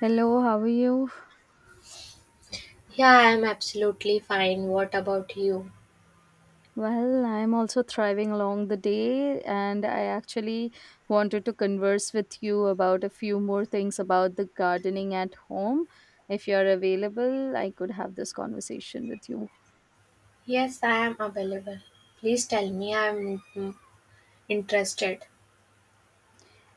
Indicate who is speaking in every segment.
Speaker 1: Hello, how are you?
Speaker 2: Yeah, I'm absolutely fine. What about you?
Speaker 1: Well, I'm also thriving along the day, and I actually wanted to converse with you about a few more things about the gardening at home. If you're available, I could have this conversation with you.
Speaker 2: Yes, I am available. Please tell me, I'm interested.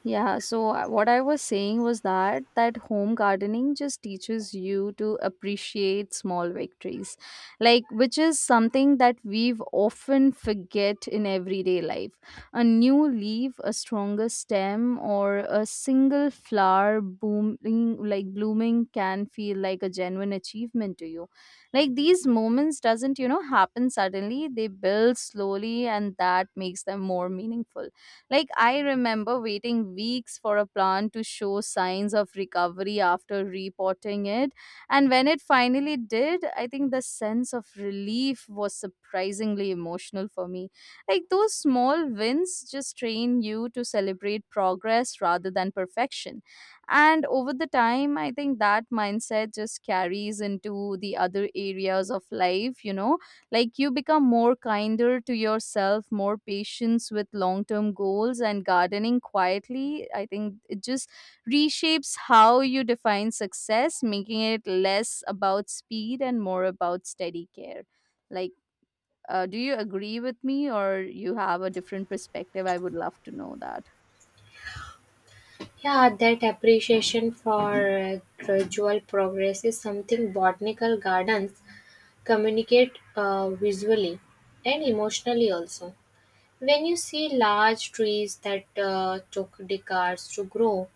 Speaker 1: Yeah, so what I was saying was that home gardening just teaches you to appreciate small victories. Like, which is something that we've often forget in everyday life. A new leaf, a stronger stem or a single flower booming like blooming can feel like a genuine achievement to you. Like, these moments doesn't happen suddenly. They build slowly, and that makes them more meaningful. Like, I remember waiting weeks for a plant to show signs of recovery after repotting it. And when it finally did, I think the sense of relief was surprisingly emotional for me. Like, those small wins just train you to celebrate progress rather than perfection. And over the time, I think that mindset just carries into the other areas of life, like you become more kinder to yourself, more patience with long term goals, and gardening quietly. I think it just reshapes how you define success, making it less about speed and more about steady care. Like, do you agree with me, or you have a different perspective? I would love to know that.
Speaker 2: Yeah, that appreciation for gradual progress is something botanical gardens communicate visually and emotionally also. When you see large trees that took decades to grow,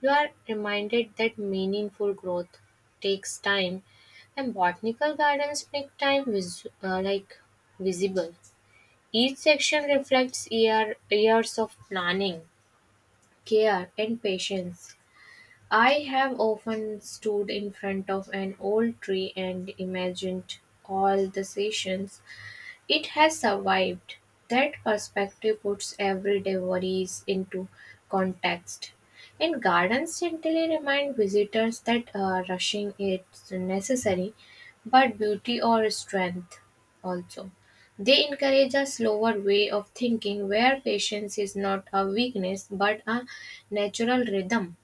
Speaker 2: you are reminded that meaningful growth takes time, and botanical gardens make time visible. Each section reflects years of planning, care, and patience. I have often stood in front of an old tree and imagined all the sessions it has survived. That perspective puts everyday worries into context. And gardens gently remind visitors that rushing is necessary, but beauty or strength also. They encourage a slower way of thinking where patience is not a weakness but a natural rhythm.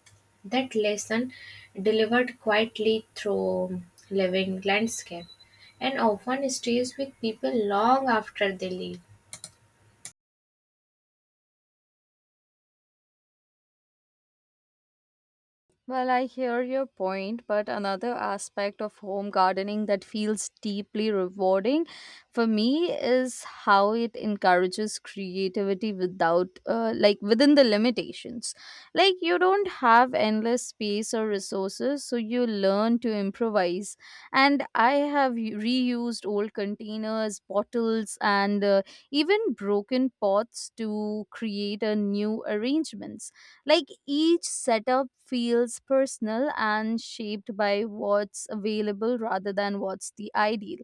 Speaker 2: That lesson delivered quietly through living landscape and often stays with people long after they leave.
Speaker 1: Well, I hear your point, but another aspect of home gardening that feels deeply rewarding for me is how it encourages creativity without, like, within the limitations. Like, you don't have endless space or resources, so you learn to improvise. And I have reused old containers, bottles, and even broken pots to create a new arrangements. Like, each setup feels personal and shaped by what's available rather than what's the ideal.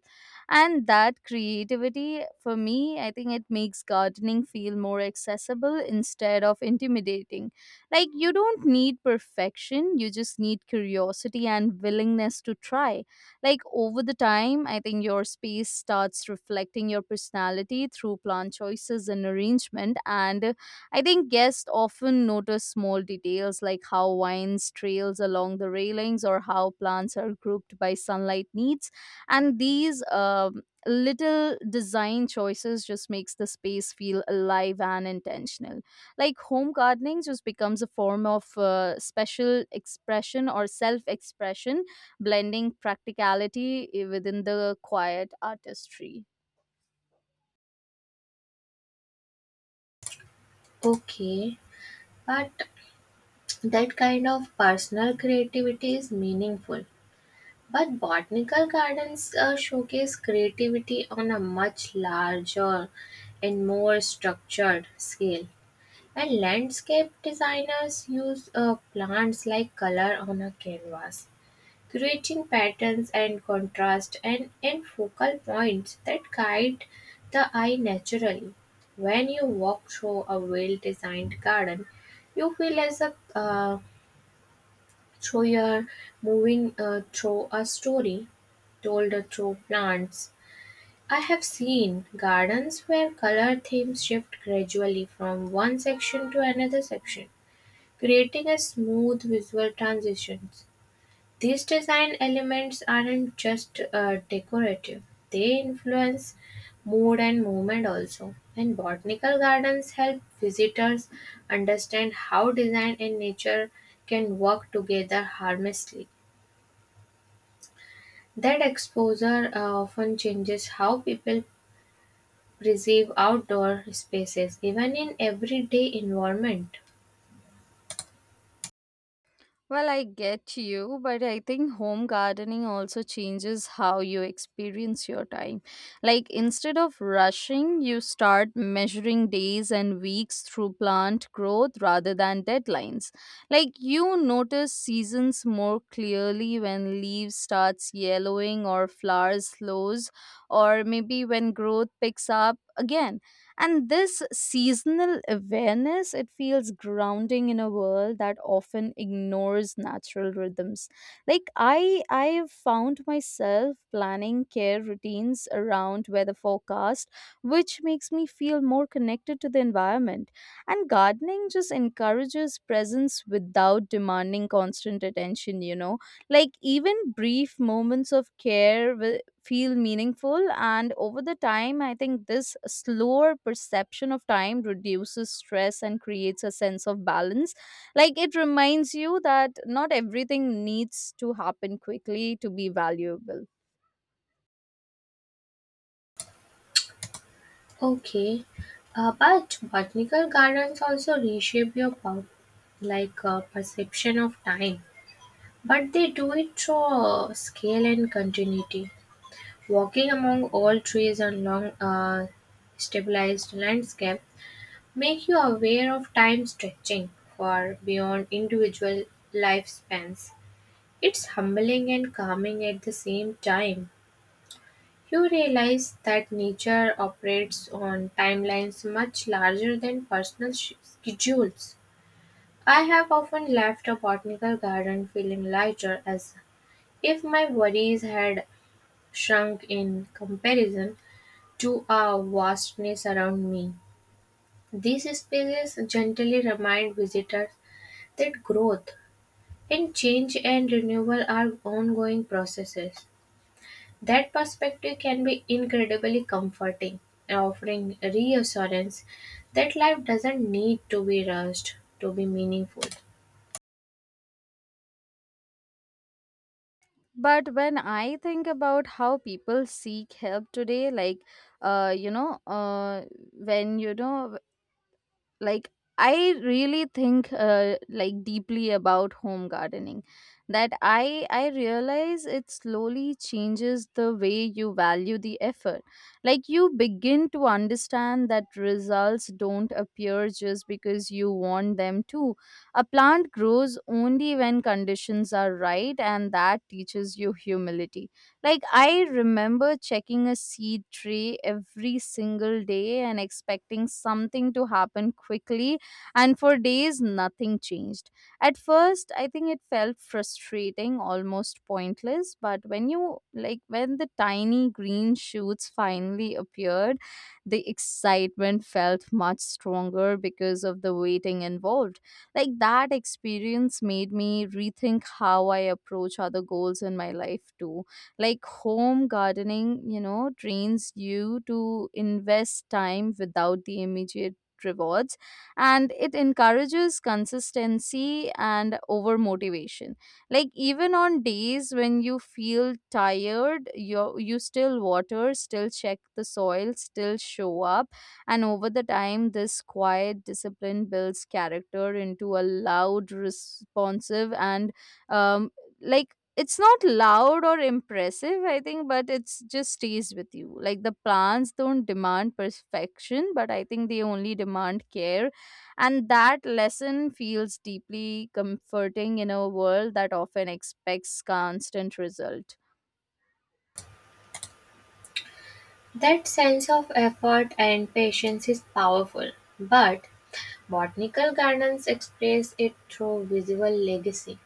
Speaker 1: And that creativity, for me, I think it makes gardening feel more accessible instead of intimidating. Like, you don't need perfection, you just need curiosity and willingness to try. Like, over the time, I think your space starts reflecting your personality through plant choices and arrangement. And I think guests often notice small details, like how vines trails along the railings or how plants are grouped by sunlight needs, and these little design choices just makes the space feel alive and intentional. Like, home gardening just becomes a form of special expression or self-expression, blending practicality within the quiet artistry.
Speaker 2: Okay, but that kind of personal creativity is meaningful. But botanical gardens showcase creativity on a much larger and more structured scale. And landscape designers use plants like color on a canvas, creating patterns and contrast and focal points that guide the eye naturally. When you walk through a well designed garden, you feel as a through your moving through a story told through plants. I have seen gardens where color themes shift gradually from one section to another section, creating a smooth visual transition. These design elements aren't just decorative, they influence mood and movement also. And botanical gardens help visitors understand how design and nature can work together harmoniously. That exposure often changes how people perceive outdoor spaces, even in everyday environment.
Speaker 1: Well, I get you, but I think home gardening also changes how you experience your time. Like, instead of rushing, you start measuring days and weeks through plant growth rather than deadlines. Like, you notice seasons more clearly when leaves starts yellowing or flowers slows, or maybe when growth picks up again. And this seasonal awareness, it feels grounding in a world that often ignores natural rhythms. Like, I have found myself planning care routines around weather forecast, which makes me feel more connected to the environment. And gardening just encourages presence without demanding constant attention, like even brief moments of care feel meaningful. And over the time, I think this slower perception of time reduces stress and creates a sense of balance. Like, it reminds you that not everything needs to happen quickly to be valuable.
Speaker 2: Okay, but botanical gardens also reshape your perception of time. But they do it through a scale and continuity. Walking among all trees and long stabilized landscape make you aware of time stretching far beyond individual lifespans. It's humbling and calming at the same time. You realize that nature operates on timelines much larger than personal schedules. I have often left a botanical garden feeling lighter as if my worries had shrunk in comparison to a vastness around me. These spaces gently remind visitors that growth and change and renewal are ongoing processes. That perspective can be incredibly comforting, offering reassurance that life doesn't need to be rushed to be meaningful.
Speaker 1: But when I think about how people seek help today, like uh you know uh when you know like, I really think like, deeply about home gardening, that I realize it slowly changes the way you value the effort. Like, you begin to understand that results don't appear just because you want them to. A plant grows only when conditions are right, and that teaches you humility. Like, I remember checking a seed tray every single day and expecting something to happen quickly, and for days, nothing changed. At first, I think it felt frustrating, almost pointless, but when the tiny green shoots finally appeared, the excitement felt much stronger because of the waiting involved. Like, that experience made me rethink how I approach other goals in my life, too. Like, home gardening trains you to invest time without the immediate rewards. And it encourages consistency and over motivation. Like, even on days when you feel tired, you still water, still check the soil, still show up. And over the time, this quiet discipline builds character into a loud, responsive, and um, like, it's not loud or impressive, I think, but it's just stays with you. Like, the plants don't demand perfection, but I think they only demand care. And that lesson feels deeply comforting in a world that often expects constant result.
Speaker 2: That sense of effort and patience is powerful, but botanical gardens express it through visual legacy.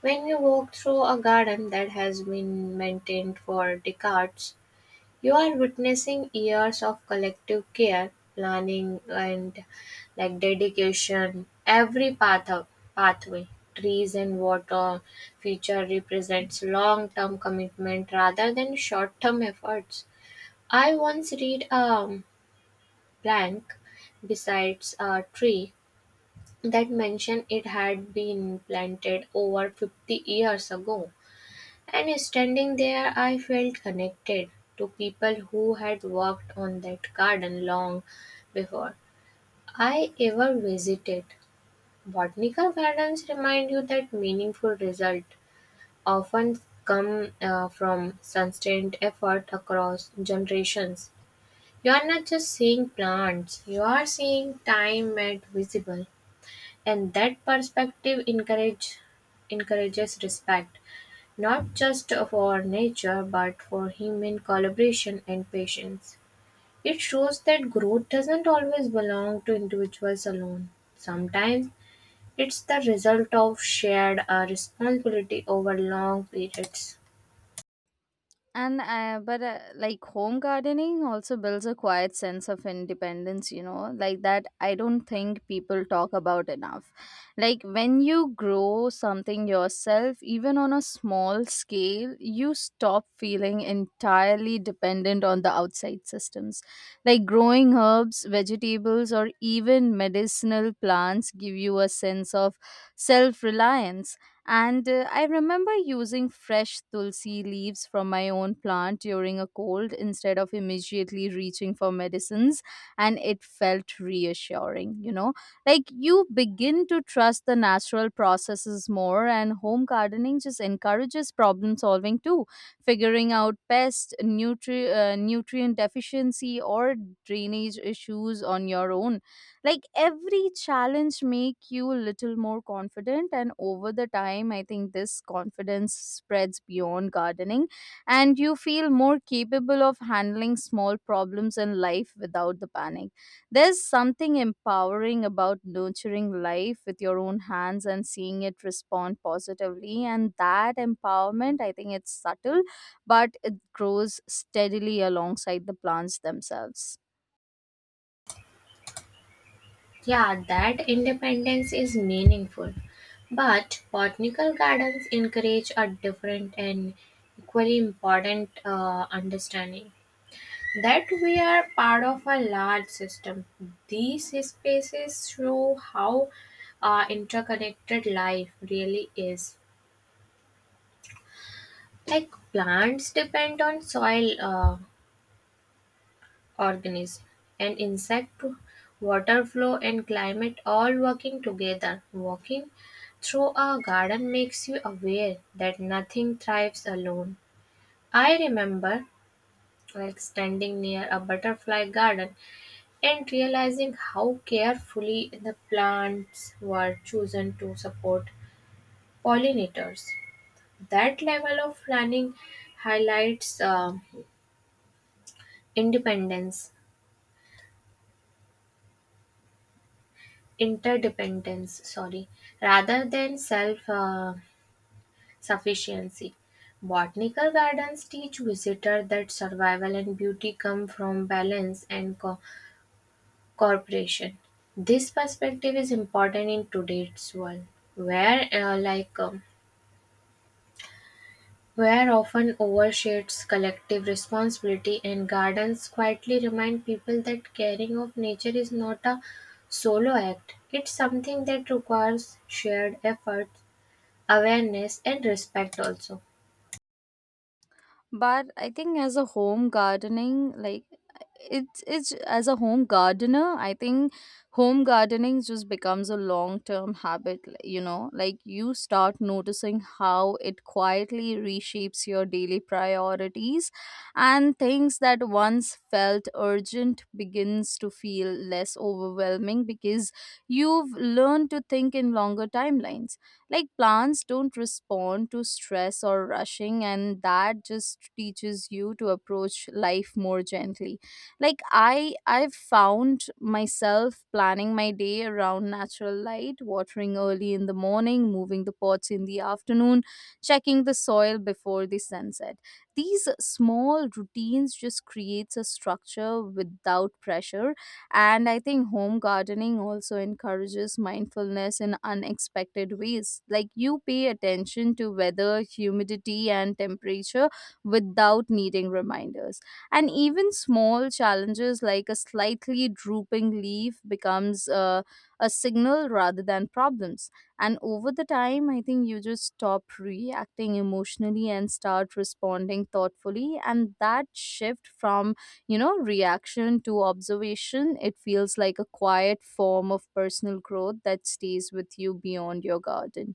Speaker 2: When you walk through a garden that has been maintained for decades, you are witnessing years of collective care, planning, and like dedication. Every pathway, trees and water feature represents long-term commitment rather than short-term efforts. I once read a blank besides a tree that mentioned it had been planted over 50 years ago, and standing there, I felt connected to people who had worked on that garden long before I ever visited. Botanical gardens remind you that meaningful results often come from sustained effort across generations. You are not just seeing plants, you are seeing time made visible, and that perspective encourages respect. Not just for nature, but for human collaboration and patience. It shows that growth doesn't always belong to individuals alone. Sometimes it's the result of shared responsibility over long periods.
Speaker 1: And but, like, home gardening also builds a quiet sense of independence, you know, like that I don't think people talk about enough. Like, when you grow something yourself, even on a small scale, you stop feeling entirely dependent on the outside systems. Like, growing herbs, vegetables, or even medicinal plants give you a sense of self reliance. And I remember using fresh tulsi leaves from my own plant during a cold instead of immediately reaching for medicines, and it felt reassuring. Like, you begin to trust the natural processes more, and home gardening just encourages problem solving too, figuring out pest, nutrient deficiency, or drainage issues on your own. Like, every challenge make you a little more confident, and over the time, I think this confidence spreads beyond gardening, and you feel more capable of handling small problems in life without the panic. There's something empowering about nurturing life with your own hands and seeing it respond positively, and that empowerment, I think, it's subtle, but it grows steadily alongside the plants themselves.
Speaker 2: Yeah, that independence is meaningful. But botanical gardens encourage a different and equally important understanding, that we are part of a large system. These spaces show how interconnected life really is. Like plants depend on soil, organisms, and insect, water flow, and climate all working together. Walking through a garden makes you aware that nothing thrives alone. I remember like standing near a butterfly garden and realizing how carefully the plants were chosen to support pollinators. That level of planning highlights independence, interdependence, sorry, rather than self sufficiency. Botanical gardens teach visitors that survival and beauty come from balance and cooperation. This perspective is important in today's world, where, where often overstates collective responsibility, and gardens quietly remind people that caring of nature is not a solo act. It's something that requires shared effort, awareness, and respect also.
Speaker 1: But I think as a home gardening, like it's as a home gardener, I think home gardening just becomes a long term habit. Like, you start noticing how it quietly reshapes your daily priorities, and things that once felt urgent begins to feel less overwhelming because you've learned to think in longer timelines. Like, plants don't respond to stress or rushing, and that just teaches you to approach life more gently. Like, I've found myself planning my day around natural light, watering early in the morning, moving the pots in the afternoon, checking the soil before the sunset. These small routines just creates a structure without pressure. And I think home gardening also encourages mindfulness in unexpected ways. Like, you pay attention to weather, humidity, and temperature without needing reminders. And even small challenges like a slightly drooping leaf becomes a signal rather than problems. And over the time, I think you just stop reacting emotionally and start responding thoughtfully. And that shift from reaction to observation, it feels like a quiet form of personal growth that stays with you beyond your garden.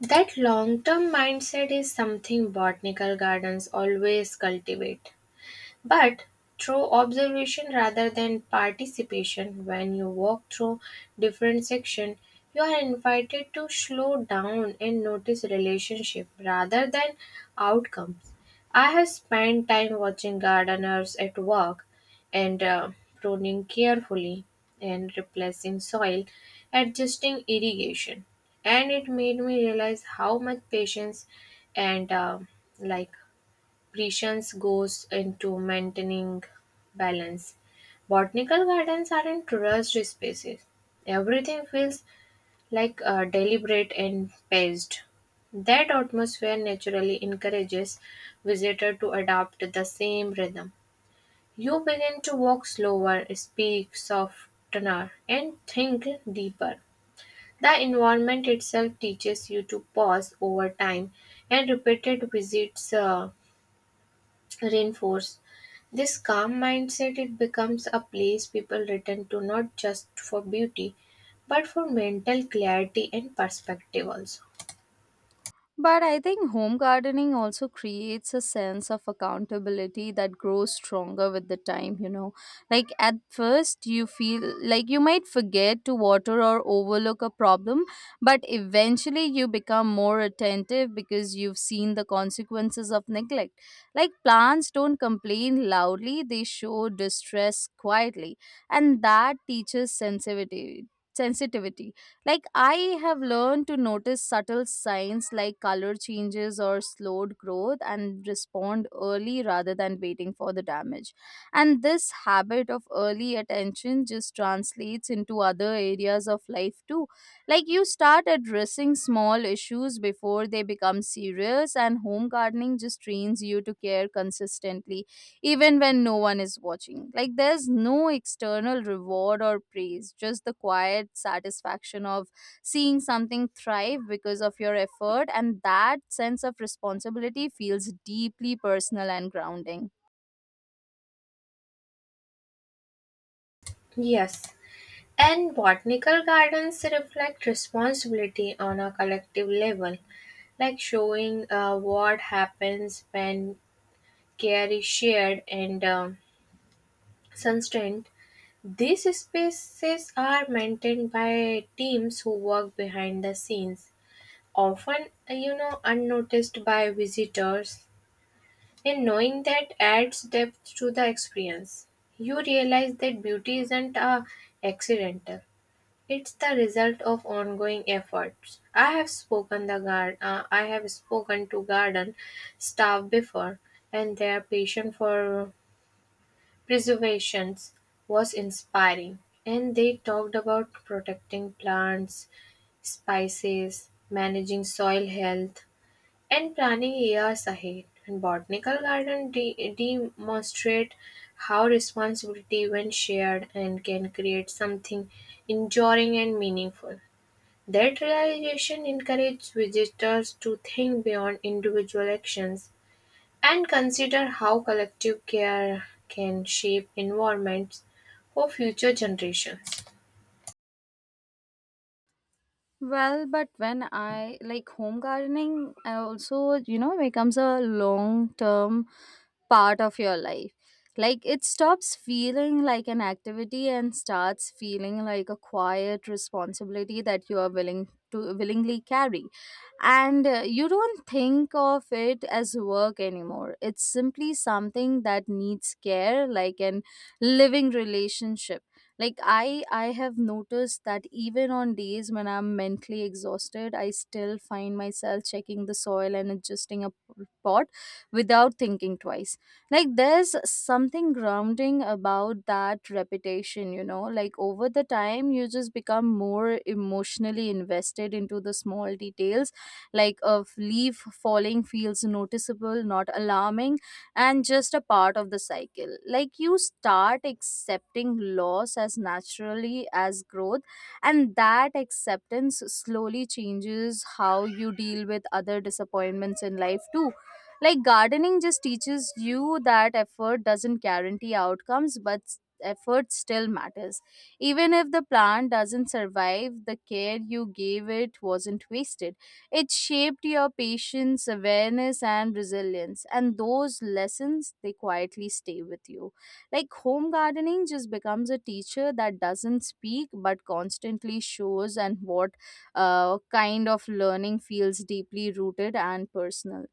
Speaker 2: That long-term mindset is something botanical gardens always cultivate. But through observation rather than participation, when you walk through different sections, you are invited to slow down and notice relationship rather than outcomes. I have spent time watching gardeners at work and pruning carefully and replacing soil, adjusting irrigation, and it made me realize how much patience and like patience goes into maintaining balance. Botanical gardens aren't rushed spaces. Everything feels like deliberate and paced. That atmosphere naturally encourages visitors to adopt the same rhythm. You begin to walk slower, speak softer, and think deeper. The environment itself teaches you to pause over time, and repeated visits reinforced. This calm mindset it becomes a place people return to not just for beauty but for mental clarity and perspective also.
Speaker 1: But I think home gardening also creates a sense of accountability that grows stronger with the time. Like, at first, you feel like you might forget to water or overlook a problem, but eventually you become more attentive because you've seen the consequences of neglect. Like, plants don't complain loudly, they show distress quietly, and that teaches sensitivity. Sensitivity, like, I have learned to notice subtle signs like color changes or slowed growth, and respond early rather than waiting for the damage. And this habit of early attention just translates into other areas of life too. Like, you start addressing small issues before they become serious, and home gardening just trains you to care consistently, even when no one is watching. Like, there's no external reward or praise, just the quiet satisfaction of seeing something thrive because of your effort. And that sense of responsibility feels deeply personal and grounding.
Speaker 2: Yes. And botanical gardens reflect responsibility on a collective level, like showing what happens when care is shared and sustained. These spaces are maintained by teams who work behind the scenes, often you know, unnoticed by visitors, and knowing that adds depth to the experience. You realize that beauty isn't a accidental, it's the result of ongoing efforts. I have spoken the guard I have spoken to garden staff before, and their passion for preservations was inspiring. And they talked about protecting plants, spices, managing soil health, and planning years ahead. And botanical garden demonstrate how responsibility, when shared, and can create something enduring and meaningful. That realization encourages visitors to think beyond individual actions and consider how collective care can shape environments for future generations.
Speaker 1: Well, but when I like home gardening, I also, becomes a long term part of your life. Like, it stops feeling like an activity and starts feeling like a quiet responsibility that you are willingly carry. And you don't think of it as work anymore. It's simply something that needs care, like an living relationship. Like, I have noticed that even on days when I'm mentally exhausted, I still find myself checking the soil and adjusting a pot without thinking twice. Like, there's something grounding about that repetition, like over the time you just become more emotionally invested into the small details. Like, of leaf falling feels noticeable, not alarming, and just a part of the cycle. Like, you start accepting loss as naturally as growth, and that acceptance slowly changes how you deal with other disappointments in life too. Like, gardening just teaches you that effort doesn't guarantee outcomes, but effort still matters. Even if the plant doesn't survive, the care you gave it wasn't wasted. It shaped your patience, awareness, and resilience. And those lessons, they quietly stay with you. Like home gardening just becomes a teacher that doesn't speak but constantly shows and what kind of learning feels deeply rooted and personal.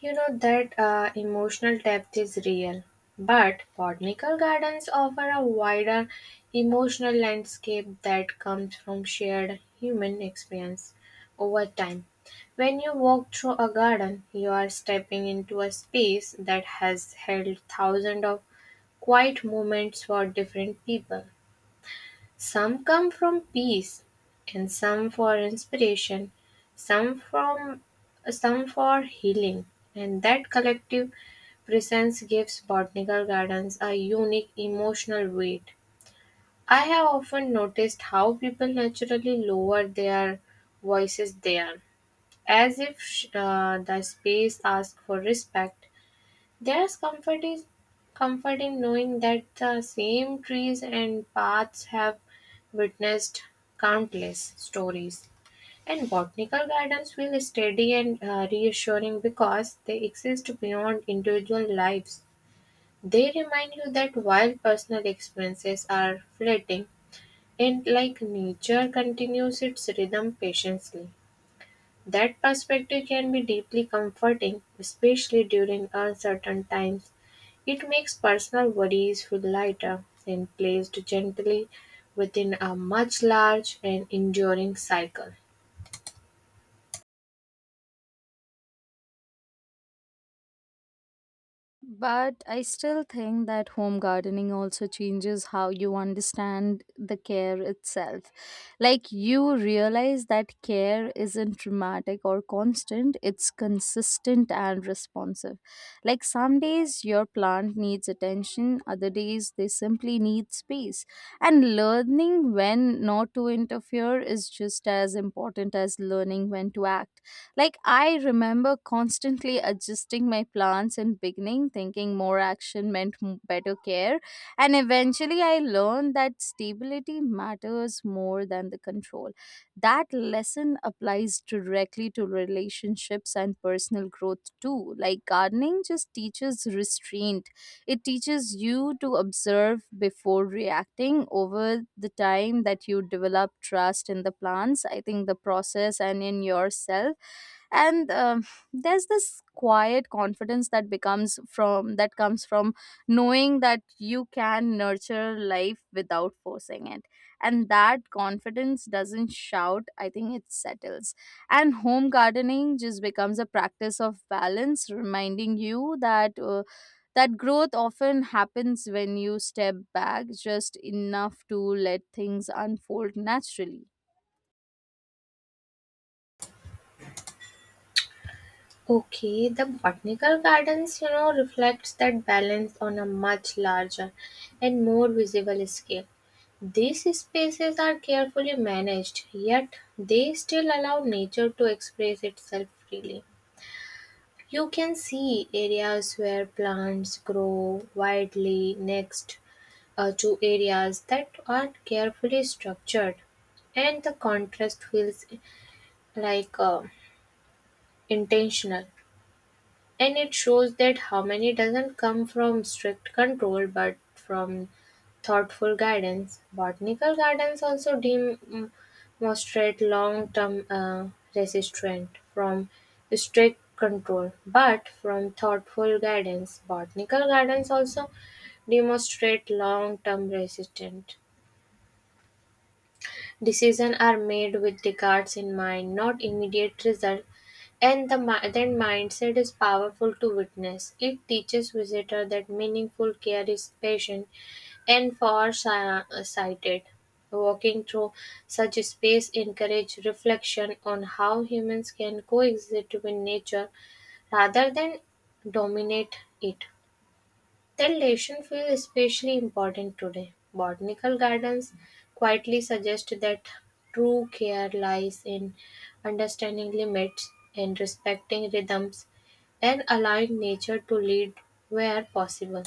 Speaker 2: You know that emotional depth is real, but botanical gardens offer a wider emotional landscape that comes from shared human experience over time. When you walk through a garden, you are stepping into a space that has held thousands of quiet moments for different people. Some come from peace, and some for inspiration, some from some for healing, and that collective presence gives botanical gardens a unique emotional weight. I have often noticed how people naturally lower their voices there, as if the space asks for respect. There's comfort in knowing that the same trees and paths have witnessed countless stories. And botanical gardens feel steady and reassuring because they exist beyond individual lives. They remind you that while personal experiences are fleeting, and like nature continues its rhythm patiently. That perspective can be deeply comforting, especially during uncertain times. It makes personal worries feel lighter, when placed gently within a much large and enduring cycle.
Speaker 1: But I still think that home gardening also changes how you understand the care itself. Like you realize that care isn't dramatic or constant, it's consistent and responsive. Like some days your plant needs attention, other days they simply need space. And learning when not to interfere is just as important as learning when to act. Like I remember constantly adjusting my plans in beginning, thinking more action meant better care, and eventually I learned that stability matters more than the control. That lesson applies directly to relationships and personal growth too. Like gardening just teaches restraint. It teaches you to observe before reacting over the time that you develop trust in the plants, I think the process and in yourself and. There's this quiet confidence that becomes from that comes from knowing that you can nurture life without forcing it, and that confidence doesn't shout, I think it settles. And home gardening just becomes a practice of balance, reminding you that that growth often happens when you step back just enough to let things unfold naturally.
Speaker 2: Okay, the botanical gardens, you know, reflects that balance on a much larger and more visible scale. These spaces are carefully managed, yet they still allow nature to express itself freely. You can see areas where plants grow widely next to areas that are carefully structured, and the contrast feels like intentional, and it shows that harmony doesn't come from strict control but from thoughtful guidance. Botanical gardens also demonstrate long-term resistance from strict control but from thoughtful guidance. Botanical gardens also demonstrate long-term resistance. Decisions are made with regards in mind, not immediate result, and that mindset is powerful to witness. It teaches visitor that meaningful care is patient and far-sighted. Walking through such space encourage reflection on how humans can coexist with nature rather than dominate it. Then datation feels especially important today. Botanical gardens quietly suggest that true care lies in understanding limits and respecting rhythms and allowing nature to lead where possible.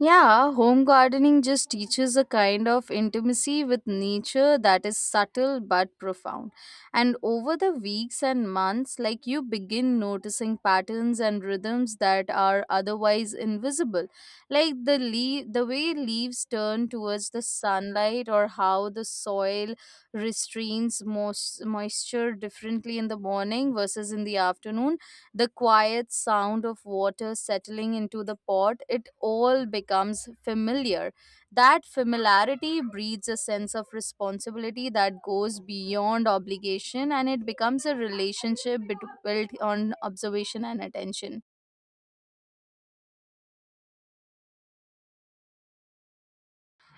Speaker 1: Yeah, home gardening just teaches a kind of intimacy with nature that is subtle but profound. And over the weeks and months, like you begin noticing patterns and rhythms that are otherwise invisible, like the leaf, the way leaves turn towards the sunlight, or how the soil restrains moisture differently in the morning versus in the afternoon, the quiet sound of water settling into the pot, it all becomes familiar. That familiarity breeds a sense of responsibility that goes beyond obligation, and it becomes a relationship built on observation and attention.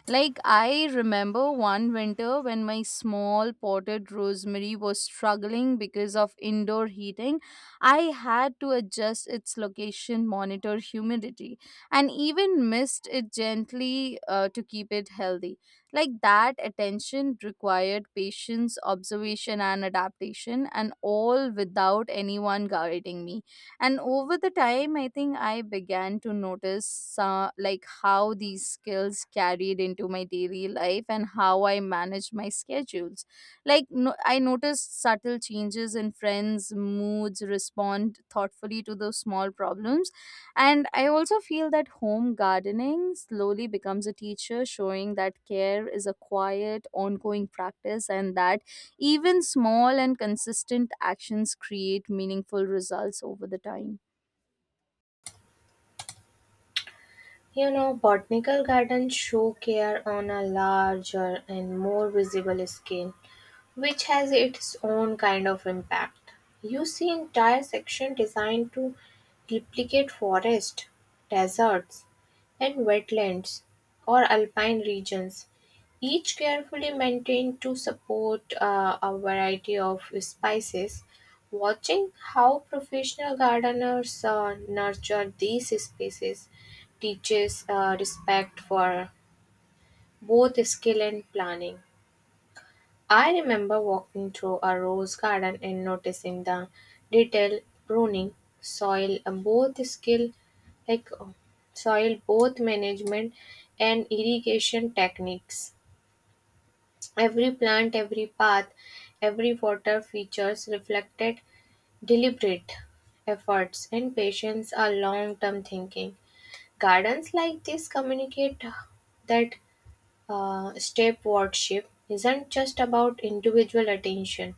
Speaker 1: Like, I remember one winter when my small potted rosemary was struggling because of indoor heating. I had to adjust its location, monitor humidity, and even mist it gently to keep it healthy. Like, that attention required patience, observation, and adaptation, and all without anyone guiding me. And over the time, I think I began to notice like how these skills carried into my daily life and how I manage my schedules. Like, no, I noticed subtle changes in friends moods, respond thoughtfully to those small problems. And I also feel that home gardening slowly becomes a teacher showing that care is a quiet ongoing practice, and that even small and consistent actions create meaningful results over the time.
Speaker 2: You know, botanical gardens show care on a larger and more visible scale, which has its own kind of impact. You see entire section designed to duplicate forest, deserts, and wetlands or alpine regions, each carefully maintained to support a variety of species. Watching how professional gardeners nurture these species teaches respect for both skill and planning. I remember walking through a rose garden and noticing the detail pruning, soil, uh, both skill like uh, soil, both management and irrigation techniques. Every plant, every path, every water features reflected deliberate efforts and patience are long-term thinking. Gardens like this communicate that step wardship isn't just about individual attention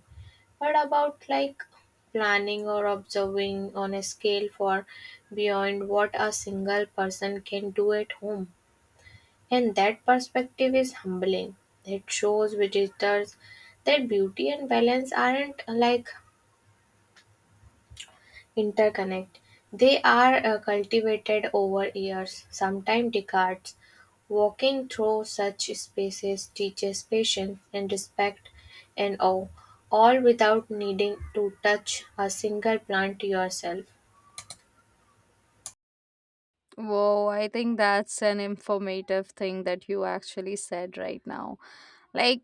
Speaker 2: but about like planning or observing on a scale for beyond what a single person can do at home. And that perspective is humbling. It shows visitors that beauty and balance aren't like interconnect, they are cultivated over years, sometimes decades. Walking through such spaces teaches patience and respect and awe, all without needing to touch a single plant yourself.
Speaker 1: Whoa, I think that's an informative thing that you actually said right now. Like,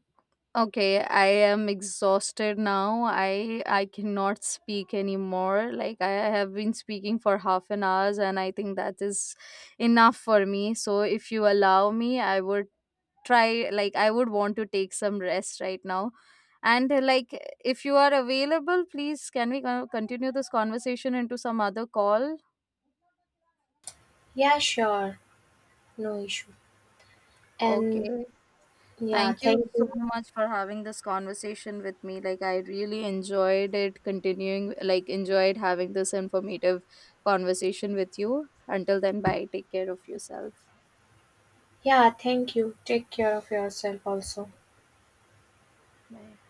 Speaker 1: okay, I am exhausted now. I cannot speak anymore. Like I have been speaking for half an hour and I think that is enough for me. So if you allow me, I would try, like I would want to take some rest right now and like, if you are available, please can we continue this conversation into some other call.
Speaker 2: Yeah, sure. No issue.
Speaker 1: Okay.
Speaker 2: And yeah,
Speaker 1: Thank you
Speaker 2: thank
Speaker 1: so
Speaker 2: you.
Speaker 1: much for having this conversation with me, like I really enjoyed it continuing, like enjoyed having this informative conversation with you. Until then, bye, take care of yourself.
Speaker 2: Yeah, thank you. Take care of yourself also.
Speaker 1: Bye.